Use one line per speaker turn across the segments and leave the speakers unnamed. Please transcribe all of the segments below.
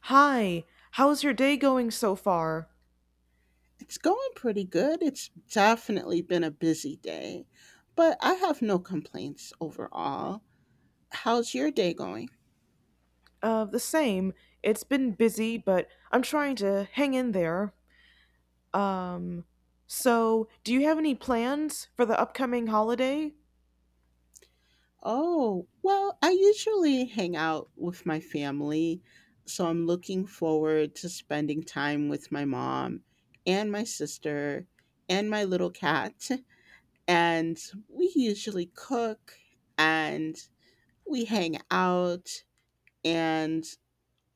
Hi, how's your day going so far?
It's going pretty good. It's definitely been a busy day, but I have no complaints overall. How's your day going?
The same. It's been busy, but I'm trying to hang in there. Um, so, do you have any plans for the upcoming holiday?
Oh, well, I usually hang out with my family, so I'm looking forward to spending time with my mom and my sister and my little cat. And we usually cook and we hang out and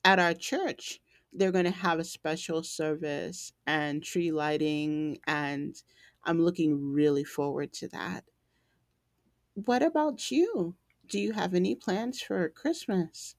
at our church they're going to have a special service and tree lighting, and I'm looking really forward to that. What about you? Do you have any plans for Christmas?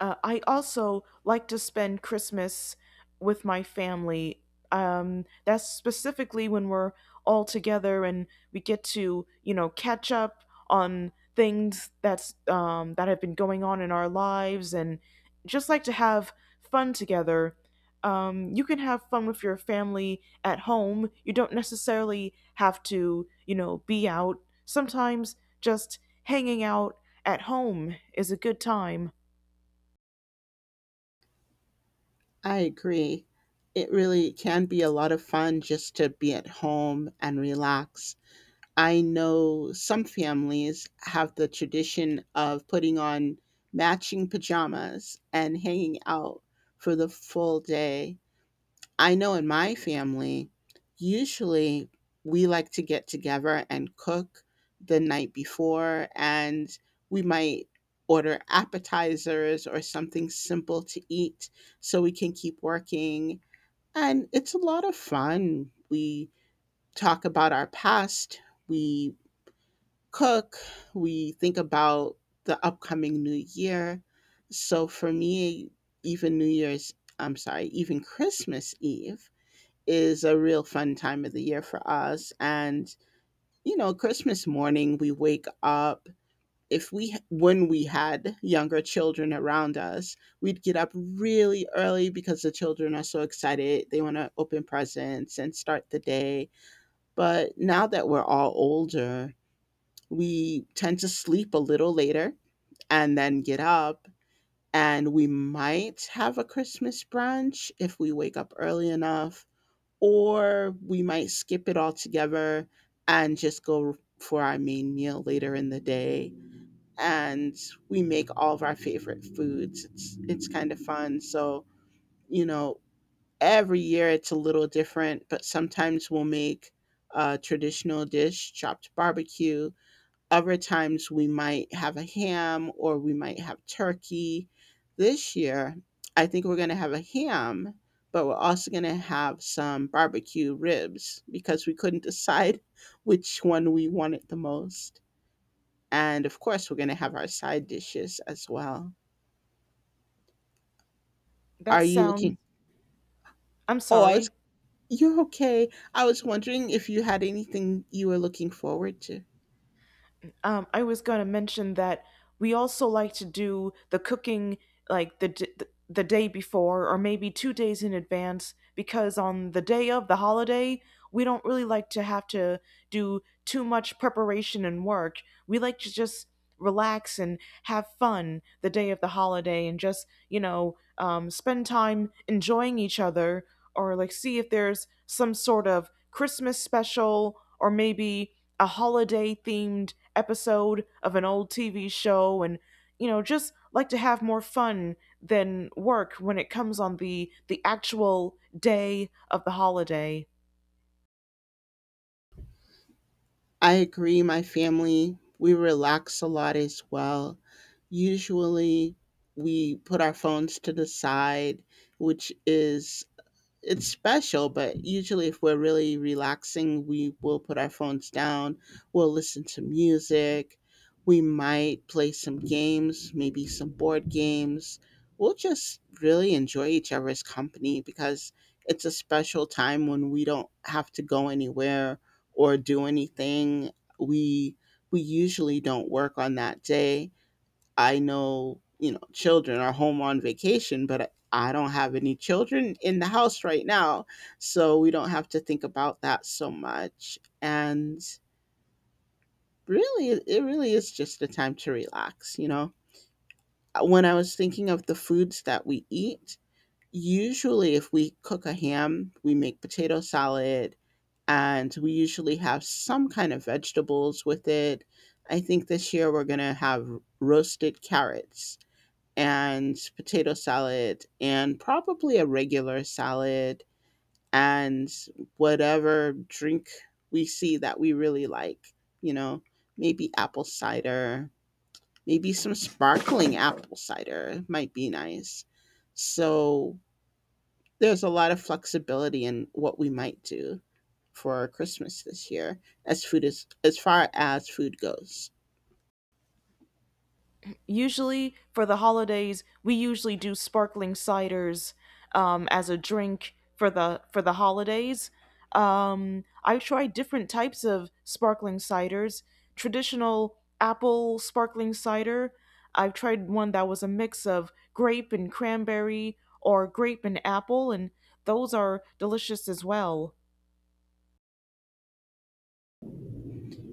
I also like to spend Christmas with my family. That's specifically when we're all together and we get to, you know, catch up on things that have been going on in our lives and just like to have fun together. You can have fun with your family at home. You don't necessarily have to, you know, be out. Sometimes just hanging out at home is a good time.
I agree. It really can be a lot of fun just to be at home and relax. I know some families have the tradition of putting on matching pajamas and hanging out for the full day. I know in my family, usually we like to get together and cook the night before, and we might order appetizers or something simple to eat so we can keep working. And it's a lot of fun. We talk about our past, we cook, we think about the upcoming new year. So for me, even New Year's, I'm sorry, even Christmas Eve, is a real fun time of the year for us. And, you know, Christmas morning, we wake up. If we, when we had younger children around us, we'd get up really early because the children are so excited. They want to open presents and start the day. But now that we're all older, we tend to sleep a little later and then get up. And we might have a Christmas brunch if we wake up early enough, or we might skip it all together and just go for our main meal later in the day, and we make all of our favorite foods. It's kind of fun. So, you know, every year it's a little different, but sometimes we'll make a traditional dish, chopped barbecue. Other times we might have a ham or we might have turkey. This year, I think we're going to have a ham, but we're also going to have some barbecue ribs because we couldn't decide which one we wanted the most. And of course, we're going to have our side dishes as well.
That
Are you
sounds,
looking?
I'm
Oh, I was,
sorry.
you're okay. I was wondering if you had anything you were looking forward to.
I was going to mention that we also like to do the cooking like the day before or maybe 2 days in advance because on the day of the holiday, we don't really like to have to do too much preparation and work. We like to just relax and have fun the day of the holiday and just, you know, spend time enjoying each other, or like see if there's some sort of Christmas special or maybe a holiday themed episode of an old TV show. And you know, just like to have more fun than work when it comes on the actual day of the holiday.
I agree. My family, we relax a lot as well. Usually, we put our phones to the side, which is, it's special, but usually if we're really relaxing, we will put our phones down, we'll listen to music, we might play some games, maybe some board games. We'll just really enjoy each other's company because it's a special time when we don't have to go anywhere or do anything. We we usually don't work on that day. I know, you know, children are home on vacation, but I don't have any children in the house right now. So we don't have to think about that so much. And really, it really is just a time to relax, you know? When I was thinking of the foods that we eat, usually if we cook a ham, we make potato salad, and we usually have some kind of vegetables with it. I think this year we're going to have roasted carrots and potato salad and probably a regular salad and whatever drink we see that we really like, you know, maybe apple cider, maybe some sparkling apple cider might be nice. So there's a lot of flexibility in what we might do for Christmas this year as food is as far as food goes.
Usually for the holidays, we usually do sparkling ciders as a drink for the holidays. I tried different types of sparkling ciders, traditional apple sparkling cider. I've tried one that was a mix of grape and cranberry or grape and apple, and those are delicious as well.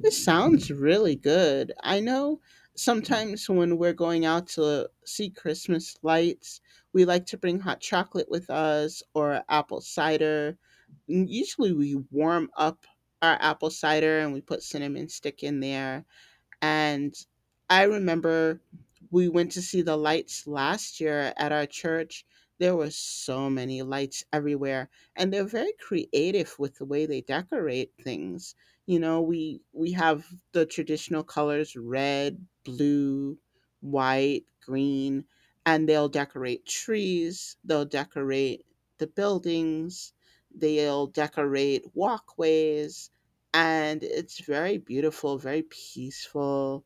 This sounds really good. I know sometimes when we're going out to see Christmas lights, we like to bring hot chocolate with us or apple cider. Usually we warm up our apple cider and we put cinnamon stick in there. And I remember we went to see the lights last year at our church. There were so many lights everywhere, and they're very creative with the way they decorate things. You know, we have the traditional colors: red, blue, white, green, and they'll decorate trees, they'll decorate the buildings, they'll decorate walkways, and it's very beautiful, very peaceful.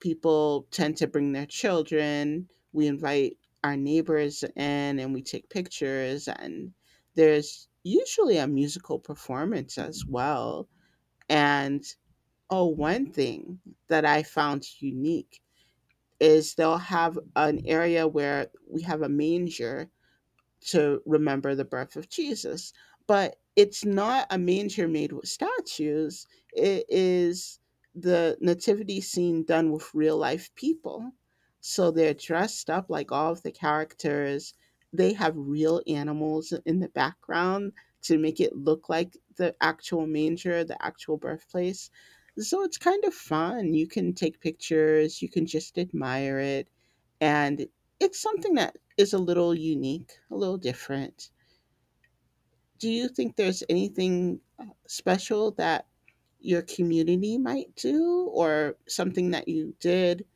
People tend to bring their children. We invite our neighbors in and we take pictures, and there's usually a musical performance as well. And oh, one thing that I found unique is they'll have an area where we have a manger to remember the birth of Jesus. But it's not a manger made with statues, it is the nativity scene done with real life people. So they're dressed up like all of the characters. They have real animals in the background to make it look like the actual manger, the actual birthplace. So it's kind of fun. You can take pictures, you can just admire it. And it's something that is a little unique, a little different. Do you think there's anything special that your community might do or something that you did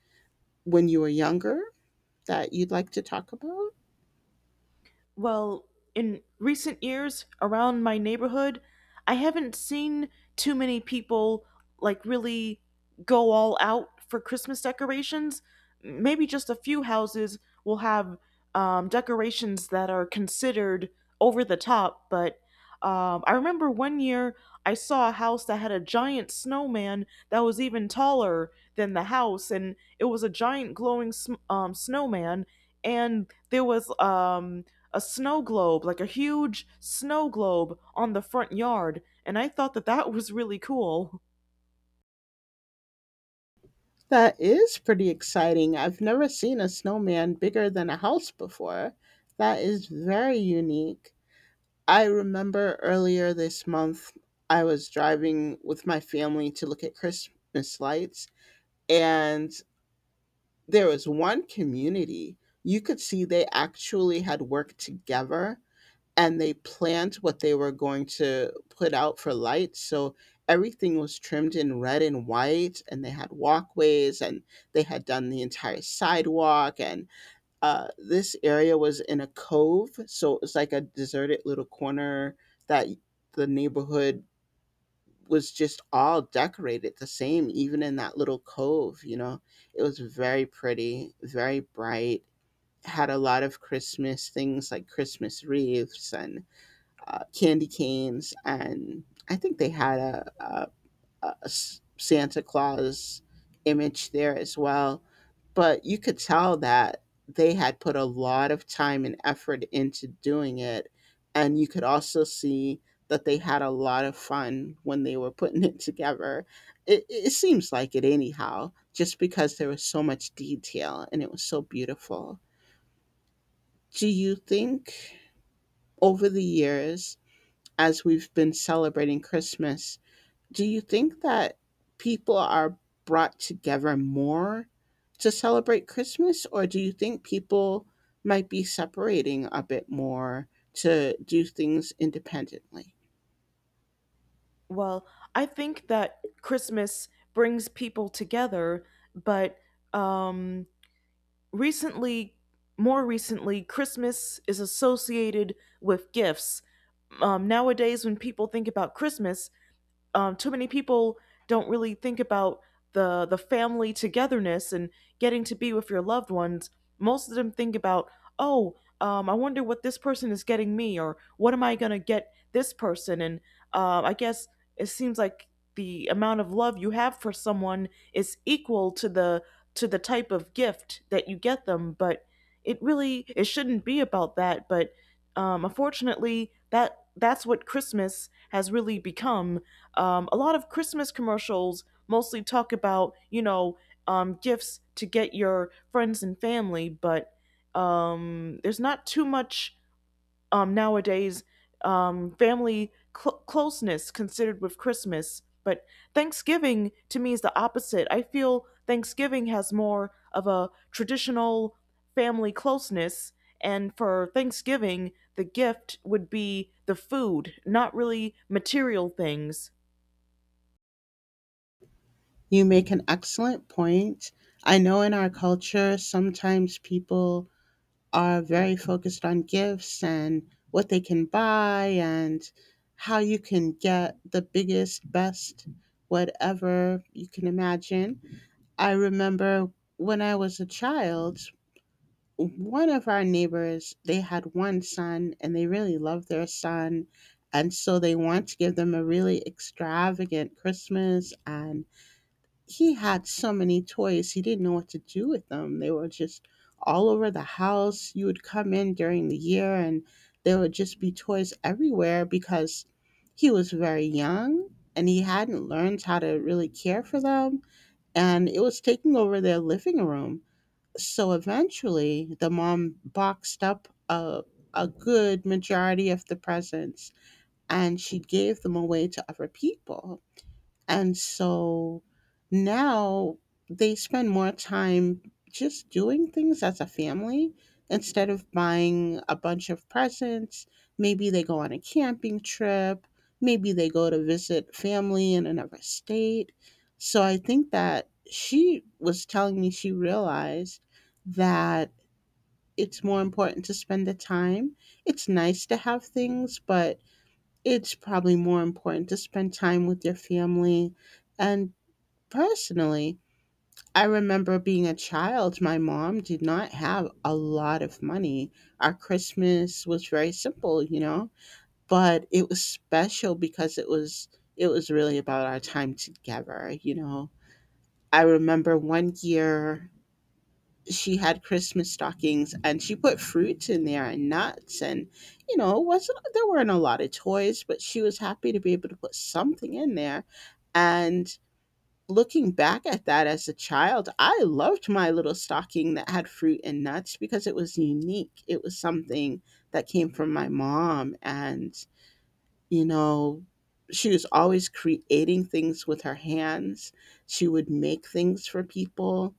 when you were younger that you'd like to talk about?
Well, in recent years around my neighborhood, I haven't seen too many people like really go all out for Christmas decorations. Maybe just a few houses will have decorations that are considered over the top. But I remember one year I saw a house that had a giant snowman that was even taller than the house, and it was a giant glowing snowman. And there was a snow globe, like a huge snow globe on the front yard. And I thought that that was really cool.
That is pretty exciting. I've never seen a snowman bigger than a house before. That is very unique. I remember earlier this month, I was driving with my family to look at Christmas lights, and there was one community. You could see they actually had worked together and they planned what they were going to put out for lights, so everything was trimmed in red and white, and they had walkways and they had done the entire sidewalk. And this area was in a cove, so it was like a deserted little corner that the neighborhood was just all decorated the same, even in that little cove, you know. It was very pretty, very bright, had a lot of Christmas things like Christmas wreaths and candy canes. And I think they had a uh, Santa Claus image there as well. But you could tell that they had put a lot of time and effort into doing it. And you could also see that they had a lot of fun when they were putting it together. It seems like it, anyhow, just because there was so much detail and it was so beautiful. Do you think over the years, as we've been celebrating Christmas, do you think that people are brought together more to celebrate Christmas, or do you think people might be separating a bit more to do things independently?
Well, I think that Christmas brings people together, but um, recently, more recently, Christmas is associated with gifts. Nowadays, when people think about Christmas, too many people don't really think about the family togetherness and getting to be with your loved ones. Most of them think about, oh, I wonder what this person is getting me, or what am I gonna get this person? And I guess it seems like the amount of love you have for someone is equal to the type of gift that you get them, but it really it shouldn't be about that. But unfortunately, that's what Christmas has really become. A lot of Christmas commercials mostly talk about, you know, gifts to get your friends and family. But there's not too much, nowadays, family closeness considered with Christmas. But Thanksgiving to me is the opposite. I feel Thanksgiving has more of a traditional family closeness. And for Thanksgiving, the gift would be the food, not really material things.
You make an excellent point. I know in our culture, sometimes people are very focused on gifts and what they can buy and how you can get the biggest, best, whatever you can imagine. I remember when I was a child, one of our neighbors, they had one son and they really loved their son. And so they wanted to give them a really extravagant Christmas. And he had so many toys, he didn't know what to do with them. They were just all over the house. You would come in during the year and there would just be toys everywhere because he was very young and he hadn't learned how to really care for them, and it was taking over their living room. So eventually, the mom boxed up a good majority of the presents and she gave them away to other people. And so now they spend more time just doing things as a family instead of buying a bunch of presents. Maybe they go on a camping trip. Maybe they go to visit family in another state. So I think that she was telling me she realized that it's more important to spend the time. It's nice to have things, but it's probably more important to spend time with your family. And personally, I remember being a child, my mom did not have a lot of money. Our Christmas was very simple, you know, but it was special because it was really about our time together, you know. I remember one year she had Christmas stockings and she put fruits in there and nuts. And you know, it wasn't there weren't a lot of toys, but she was happy to be able to put something in there. And looking back at that as a child, I loved my little stocking that had fruit and nuts because it was unique. It was something that came from my mom. And, you know, she was always creating things with her hands, she would make things for people.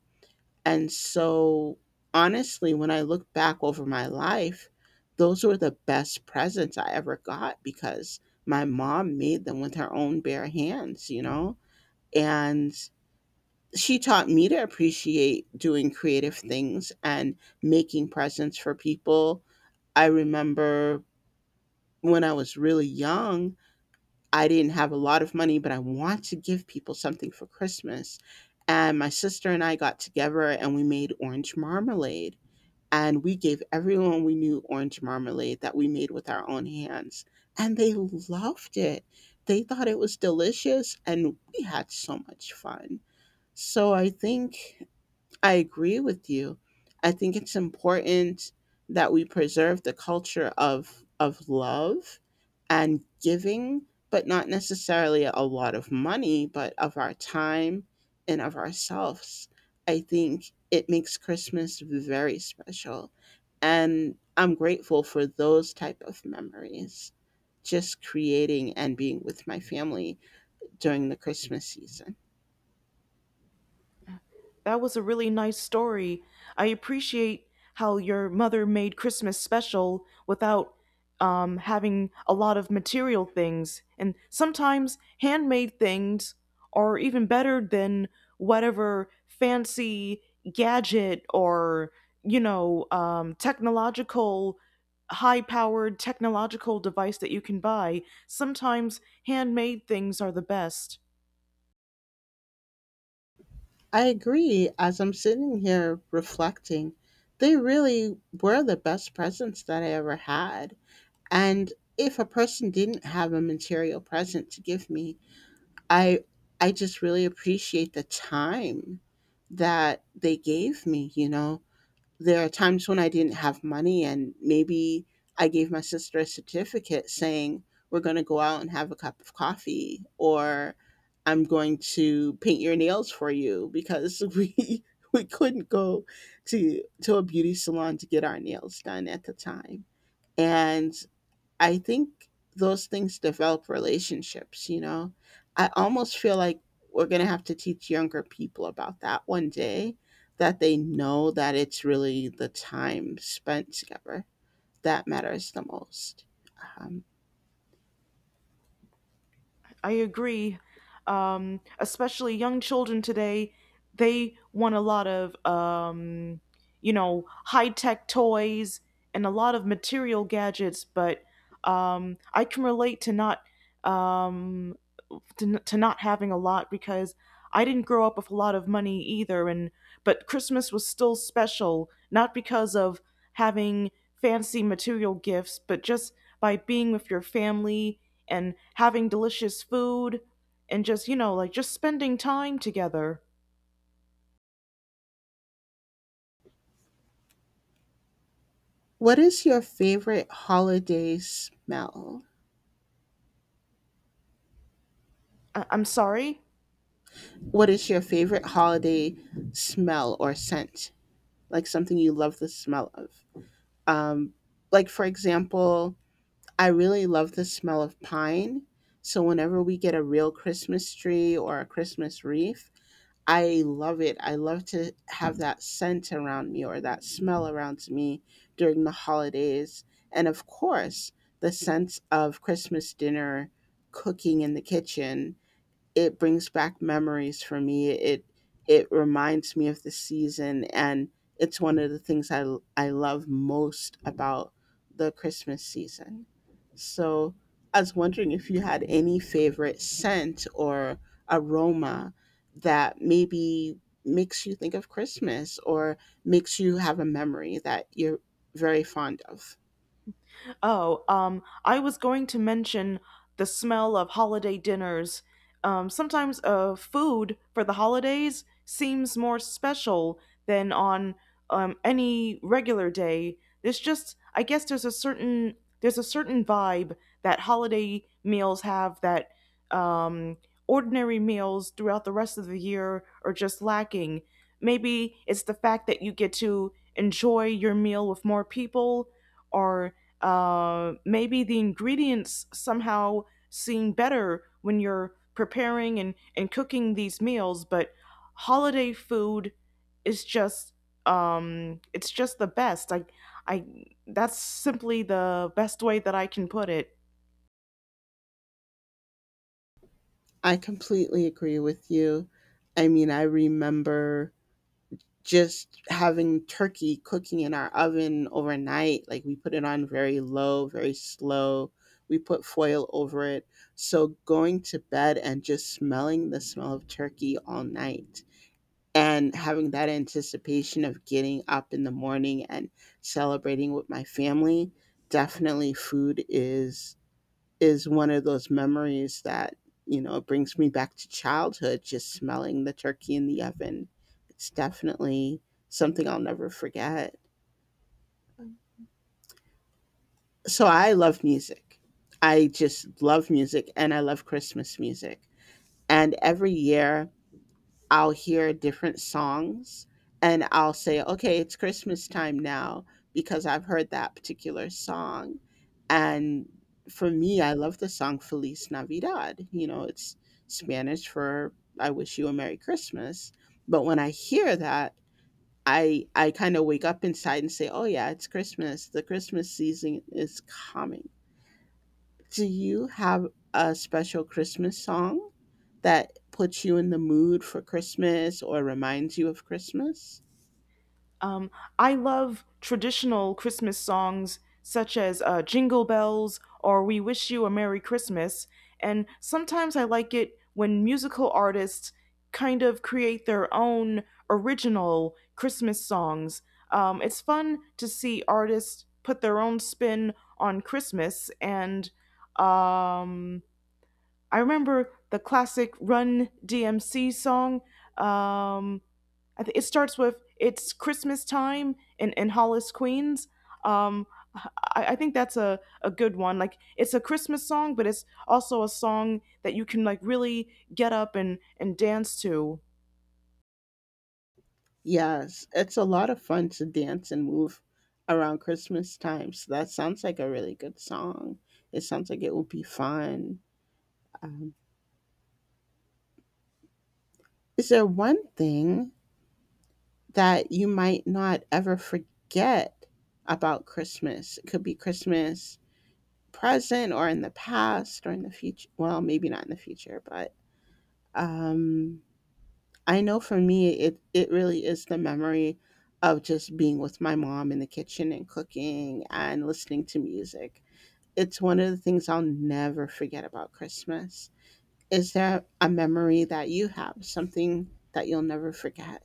And so, honestly, when I look back over my life, those were the best presents I ever got because my mom made them with her own bare hands, you know? And she taught me to appreciate doing creative things and making presents for people. I remember when I was really young, I didn't have a lot of money, but I wanted to give people something for Christmas. And my sister and I got together and we made orange marmalade. And we gave everyone we knew orange marmalade that we made with our own hands. And they loved it. They thought it was delicious. And we had so much fun. So I think I agree with you. I think it's important that we preserve the culture of love and giving, but not necessarily a lot of money, but of our time and of ourselves. I think it makes Christmas very special, and I'm grateful for those type of memories. Just creating and being with my family during the Christmas season.
That was a really nice story. I appreciate how your mother made Christmas special without having a lot of material things. And sometimes handmade things are even better than whatever fancy gadget, or, you know, high powered technological device that you can buy. Sometimes handmade things are the best.
I agree. As I'm sitting here reflecting, they really were the best presents that I ever had. And if a person didn't have a material present to give me, I I just really appreciate the time that they gave me. There are times when I didn't have money, and maybe I gave my sister a certificate saying, "We're going to go out and have a cup of coffee," or "I'm going to paint your nails for you," because we couldn't go to a beauty salon to get our nails done at the time, and I think those things develop relationships, you know? I almost feel like we're going to have to teach younger people about that one day, that they know that it's really the time spent together that matters the most. Um,
I agree. Especially young children today, they want a lot of, you know, high tech toys and a lot of material gadgets. But I can relate to not um, to not having a lot, because I didn't grow up with a lot of money either. And But Christmas was still special, not because of having fancy material gifts, but just by being with your family and having delicious food, and just, you know, like just spending time together.
what is your favorite holiday smell?
I'm sorry.
What is your favorite holiday smell or scent? Like something you love the smell of? Um, like, for example, I really love the smell of pine. So whenever we get a real Christmas tree or a Christmas wreath, I love it. I love to have that scent around me or that smell around me during the holidays. And of course, the sense of Christmas dinner cooking in the kitchen, it brings back memories for me. It reminds me of the season, and it's one of the things I love most about the Christmas season. So I was wondering if you had any favorite scent or aroma that maybe makes you think of Christmas, or makes you have a memory that you're very fond of.
Oh, I was going to mention the smell of holiday dinners. Sometimes food for the holidays seems more special than on any regular day. There's just, I guess, there's a certain vibe that holiday meals have that um, ordinary meals throughout the rest of the year are just lacking. Maybe it's the fact that you get to enjoy your meal with more people, or maybe the ingredients somehow seem better when you're preparing and cooking these meals. But holiday food is just, it's just the best I That's simply the best way that I can put it.
I completely agree with you. I mean, I remember just having turkey cooking in our oven overnight. Like, we put it on very low, very slow. We put foil over it. So going to bed and just smelling the smell of turkey all night and having that anticipation of getting up in the morning and celebrating with my family. Definitely food is one of those memories that brings me back to childhood, just smelling the turkey in the oven. It's definitely something I'll never forget. So I love music. I just love music, and I love Christmas music. And every year I'll hear different songs and I'll say, okay, it's Christmas time now, because I've heard that particular song. And for me, I love the song Feliz Navidad. It's Spanish for "I wish you a Merry Christmas." But when I hear that, I kind of wake up inside and say, oh, yeah, it's Christmas. The Christmas season is coming. Do you have a special Christmas song that puts you in the mood for Christmas or reminds you of Christmas?
Um, I love traditional Christmas songs such as Jingle Bells or We Wish You a Merry Christmas, and sometimes I like it when musical artists kind of create their own original Christmas songs. It's fun to see artists put their own spin on Christmas. And um, I remember the classic Run DMC song. Um, I think it starts with it's Christmas time in Hollis, Queens. Um, I think that's a good one. Like it's a Christmas song, but it's also a song that you can like really get up and dance to.
Yes, it's a lot of fun to dance and move around Christmas time. So that sounds like a really good song. It sounds like it will be fun. Um, is there one thing that you might not ever forget about Christmas? It could be Christmas present or in the past or in the future. Well, maybe not in the future, but um I know for me, it really is the memory of just being with my mom in the kitchen and cooking and listening to music. It's one of the things I'll never forget about Christmas. Is there a memory that you have, something that you'll never forget?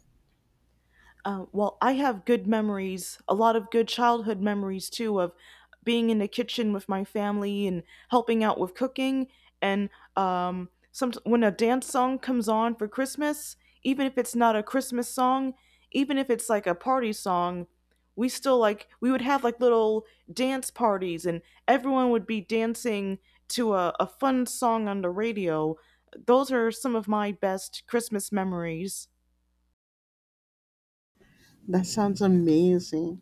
Well, I have good memories, a lot of good childhood memories too, of being in the kitchen with my family and helping out with cooking. And some when a dance song comes on for Christmas, even if it's not a Christmas song, even if it's like a party song, we still like we would have like little dance parties, and everyone would be dancing to a fun song on the radio. Those are some of my best Christmas memories.
That sounds amazing.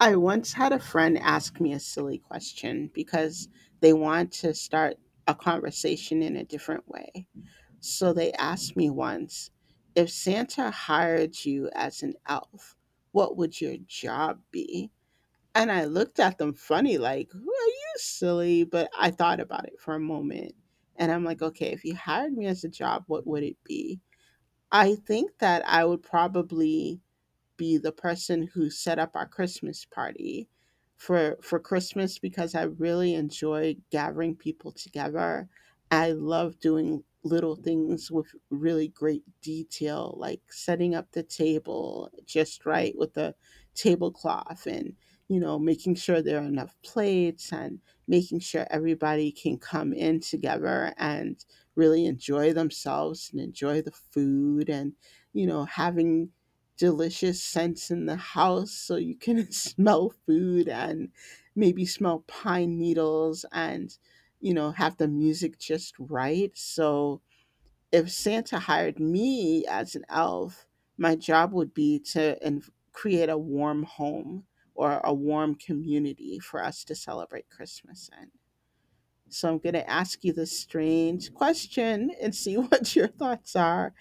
I once had a friend ask me a silly question because they want to start a conversation in a different way. So they asked me once, if Santa hired you as an elf, what would your job be? And I looked at them funny, like, "Who are you, silly?" But I thought about it for a moment. And I'm like, okay, if you hired me as a job, what would it be? I think that I would probably be the person who set up our Christmas party for Christmas, because I really enjoy gathering people together. I love doing little things with really great detail, like setting up the table just right with the tablecloth, and making sure there are enough plates, and making sure everybody can come in together and really enjoy themselves and enjoy the food, and having delicious scents in the house so you can smell food, and maybe smell pine needles, and have the music just right. So if Santa hired me as an elf, my job would be to create a warm home or a warm community for us to celebrate Christmas in. So I'm going to ask you this strange question and see what your thoughts are.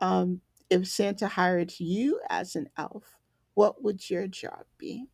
Um, if Santa hired you as an elf, what would your job be?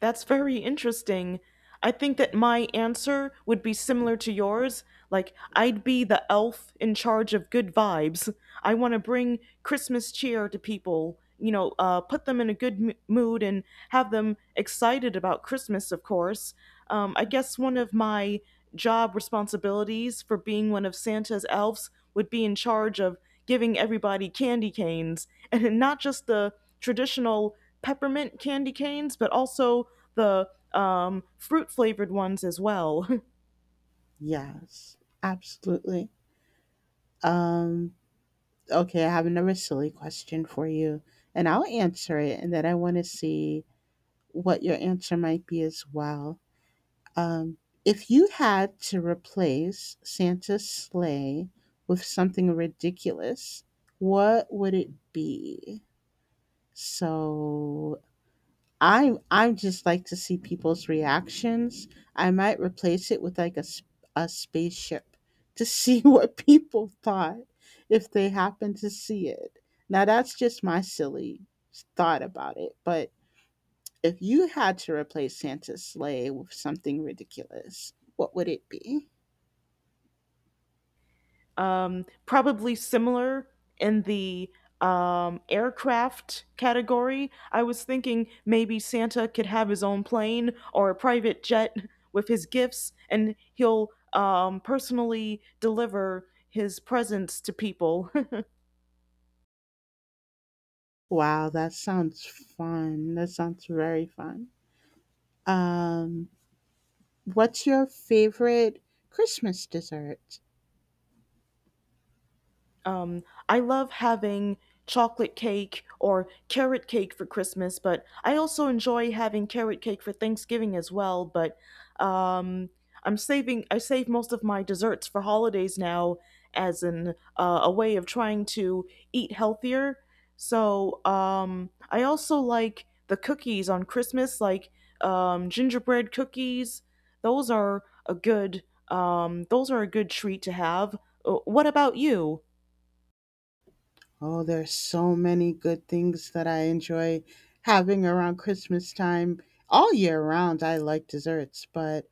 That's very interesting. I think that my answer would be similar to yours. Like, I'd be the elf in charge of good vibes. I want to bring Christmas cheer to people, you know, put them in a good mood and have them excited about Christmas, of course. I guess one of my job responsibilities for being one of Santa's elves would be in charge of giving everybody candy canes and not just the traditional peppermint candy canes, but also the fruit flavored ones as well.
Yes, absolutely. Um, Okay, I have another silly question for you, and I'll answer it, and then I want to see what your answer might be as well. Um, if you had to replace Santa's sleigh with something ridiculous, what would it be? So, I just like to see people's reactions. I might replace it with like a spaceship to see what people thought if they happen to see it. Now, that's just my silly thought about it, but if you had to replace Santa's sleigh with something ridiculous, what would it be?
Probably similar in the aircraft category. I was thinking maybe Santa could have his own plane or a private jet with his gifts, and he'll personally deliver his presents to people.
Wow, that sounds fun. That sounds very fun. Um, what's your favorite Christmas dessert?
Um, I love having chocolate cake or carrot cake for Christmas, but I also enjoy having carrot cake for Thanksgiving as well. But um, I save most of my desserts for holidays now as an a way of trying to eat healthier. So I also like the cookies on Christmas, like gingerbread cookies. Those are a good those are a good treat to have. What about you?
Oh, there's so many good things that I enjoy having around Christmas time. All year round, I like desserts, but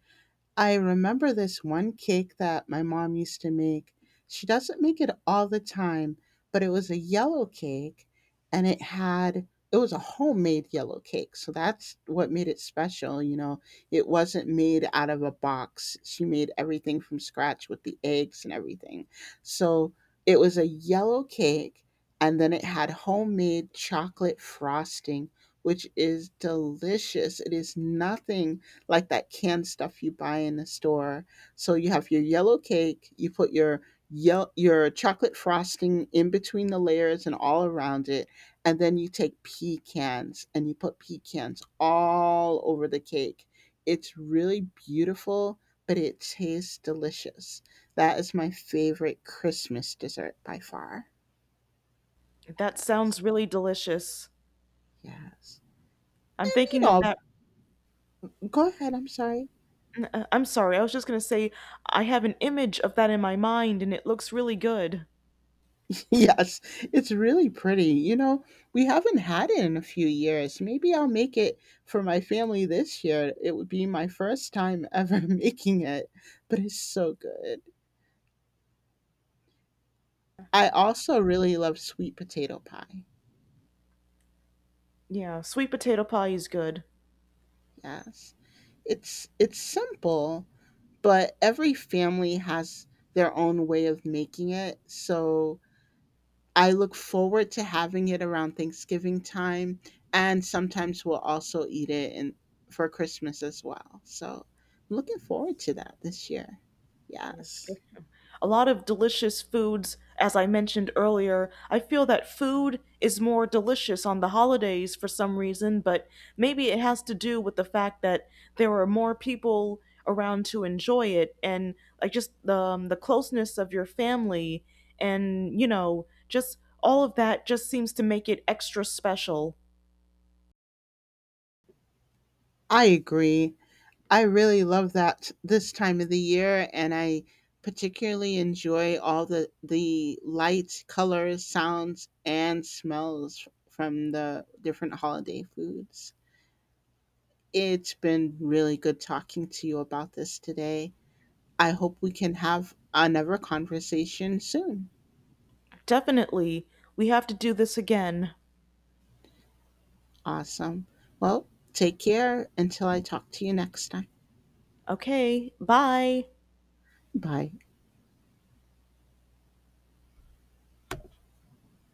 I remember this one cake that my mom used to make. She doesn't make it all the time, but it was a yellow cake, and it was a homemade yellow cake. So that's what made it special. It wasn't made out of a box. She made everything from scratch, with the eggs and everything. So it was a yellow cake, and then it had homemade chocolate frosting, which is delicious. It is nothing like that canned stuff you buy in the store. So you have your yellow cake, you put your your chocolate frosting in between the layers and all around it, and then you take pecans and you put pecans all over the cake. It's really beautiful, but it tastes delicious. That is my favorite Christmas dessert by far.
That sounds
Yes.
really delicious.
Yes.
I'm
And you
thinking of
know,
that.
Go ahead, I'm sorry.
I'm sorry, I was just going to say I have an image of that in my mind and it looks really good.
Yes, it's really pretty. We haven't had it in a few years. Maybe I'll make it for my family this year. It would be my first time ever making it, but it's so good. I also really love sweet potato pie.
Yeah, sweet potato pie is good.
Yes. It's simple, but every family has their own way of making it. So, I look forward to having it around Thanksgiving time, and sometimes we'll also eat it in for Christmas as well. So, I'm looking forward to that this year.
Yeah,
Yes.
a lot of delicious foods, as I mentioned earlier. I feel that food is more delicious on the holidays for some reason, but maybe it has to do with the fact that there are more people around to enjoy it. And like just the, the closeness of your family, and you know, just all of that just seems to make it extra special.
I agree. I really love that this time of the year, and I particularly enjoy all the lights, colors, sounds and smells from the different holiday foods. It's been really good talking to you about this today. I hope we can have another conversation soon.
Definitely, we have to do this again.
Awesome. Well, take care until I talk to you next time.
Okay, bye.
Bye.